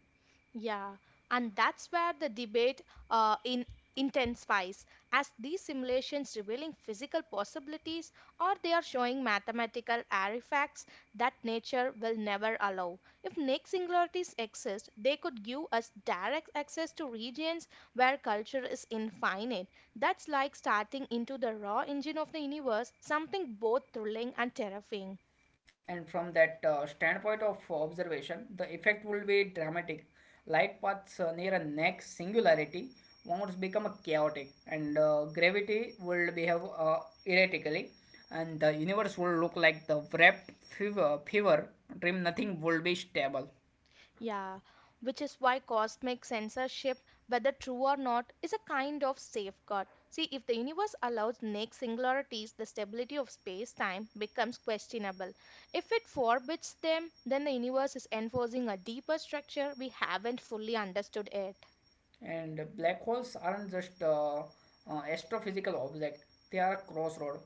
S2: Yeah, and that's where the debate in intensifies, as these simulations revealing physical possibilities or they are showing mathematical artifacts that nature will never allow. If Nick singularities exist, they could give us direct access to regions where culture is infinite. That's like starting into the raw engine of the universe, something both thrilling and terrifying.
S1: And from that standpoint of observation, the effect will be dramatic. Light paths near a next singularity won't become chaotic and gravity will behave erratically, and the universe will look like the wrapped fever dream. Nothing will be stable.
S2: Yeah, which is why cosmic censorship, whether true or not, is a kind of safeguard. See, if the universe allows naked singularities, the stability of space time becomes questionable. If it forbids them, then the universe is enforcing a deeper structure we haven't fully understood yet.
S1: And black holes aren't just astrophysical object; they are a crossroad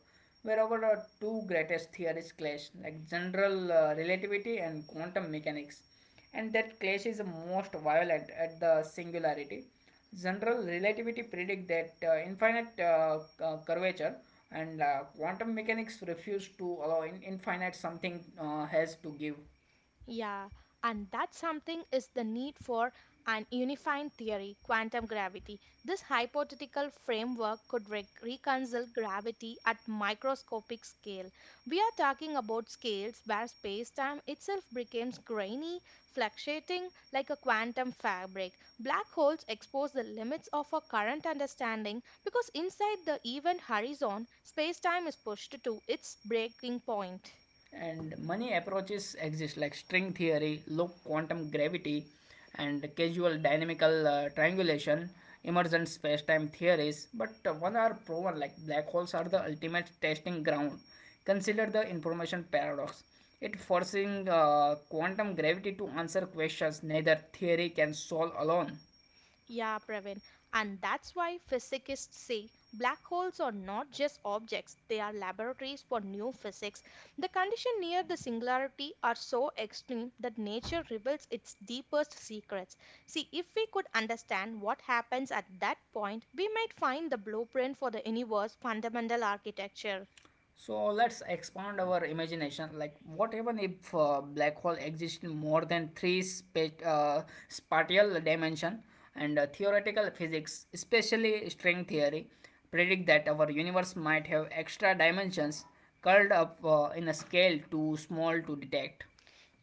S1: where our two greatest theories clash, like general relativity and quantum mechanics. And that clash is most violent at the singularity. General relativity predict that infinite curvature and quantum mechanics refuse to allow infinite something has to give.
S2: Yeah, and that something is the need for an unifying theory, quantum gravity. This hypothetical framework could reconcile gravity at microscopic scale. We are talking about scales where space-time itself becomes grainy, fluctuating like a quantum fabric. Black holes expose the limits of our current understanding because inside the event horizon, space-time is pushed to its breaking point.
S1: And many approaches exist like string theory, loop quantum gravity, and causal dynamical triangulation emergent space-time theories, but one are proven. Like black holes are the ultimate testing ground. Consider the information paradox. It forcing quantum gravity to answer questions neither theory can solve alone.
S2: Yeah, Praveen. And that's why physicists say black holes are not just objects, they are laboratories for new physics. The conditions near the singularity are so extreme that nature reveals its deepest secrets. See, if we could understand what happens at that point, we might find the blueprint for the universe's fundamental architecture.
S1: So let's expand our imagination. Like, what even if black hole exists in more than three spatial dimension? And theoretical physics, especially string theory, predict that our universe might have extra dimensions curled up in a scale too small to detect.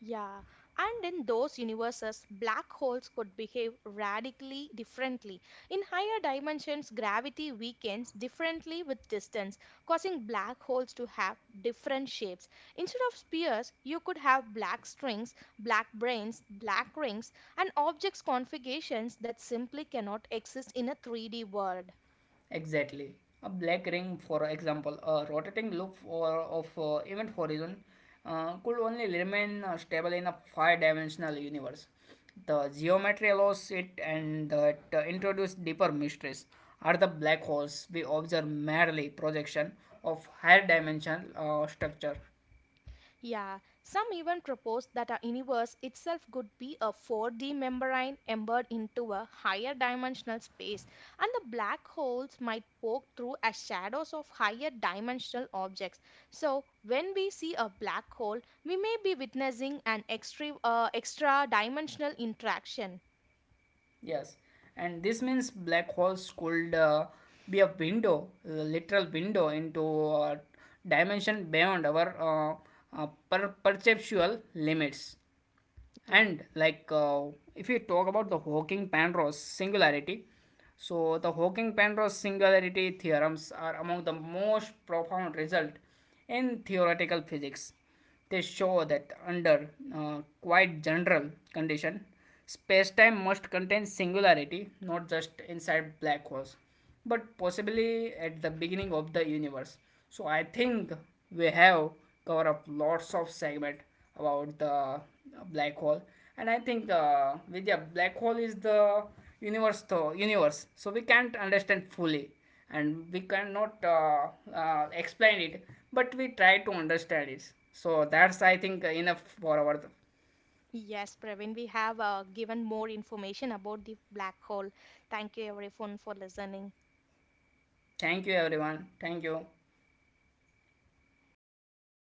S2: Yeah, and in those universes, black holes could behave radically differently. In higher dimensions, gravity weakens differently with distance, causing black holes to have different shapes. Instead of spheres, you could have black strings, black brains, black rings, and objects configurations that simply cannot exist in a 3D world.
S1: Exactly. A black ring, for example, a rotating loop of event horizon could only remain stable in a five-dimensional universe. The geometry allows it, and that introduce deeper mysteries. Are the black holes we observe merely projection of higher dimensional structure?
S2: Yeah, some even propose that our universe itself could be a 4D membrane embedded into a higher dimensional space, and the black holes might poke through as shadows of higher dimensional objects. So, when we see a black hole, we may be witnessing an extra dimensional interaction.
S1: Yes, and this means black holes could be a window, a literal window into a dimension beyond our perceptual limits.
S2: Yeah.
S1: And if we talk about the Hawking Penrose singularity, so the Hawking Penrose singularity theorems are among the most profound result in theoretical physics. They show that under quite general condition, space-time must contain singularity, not just inside black holes but possibly at the beginning of the universe. So I think we have covered up lots of segment about the black hole, and I think with the black hole is the universe though universe. So we can't understand fully, and we cannot explain it, but we try to understand it. So that's I think enough for our.
S2: Yes, Praveen, we have given more information about the black hole. Thank you, everyone, for listening.
S1: Thank you everyone. Thank you.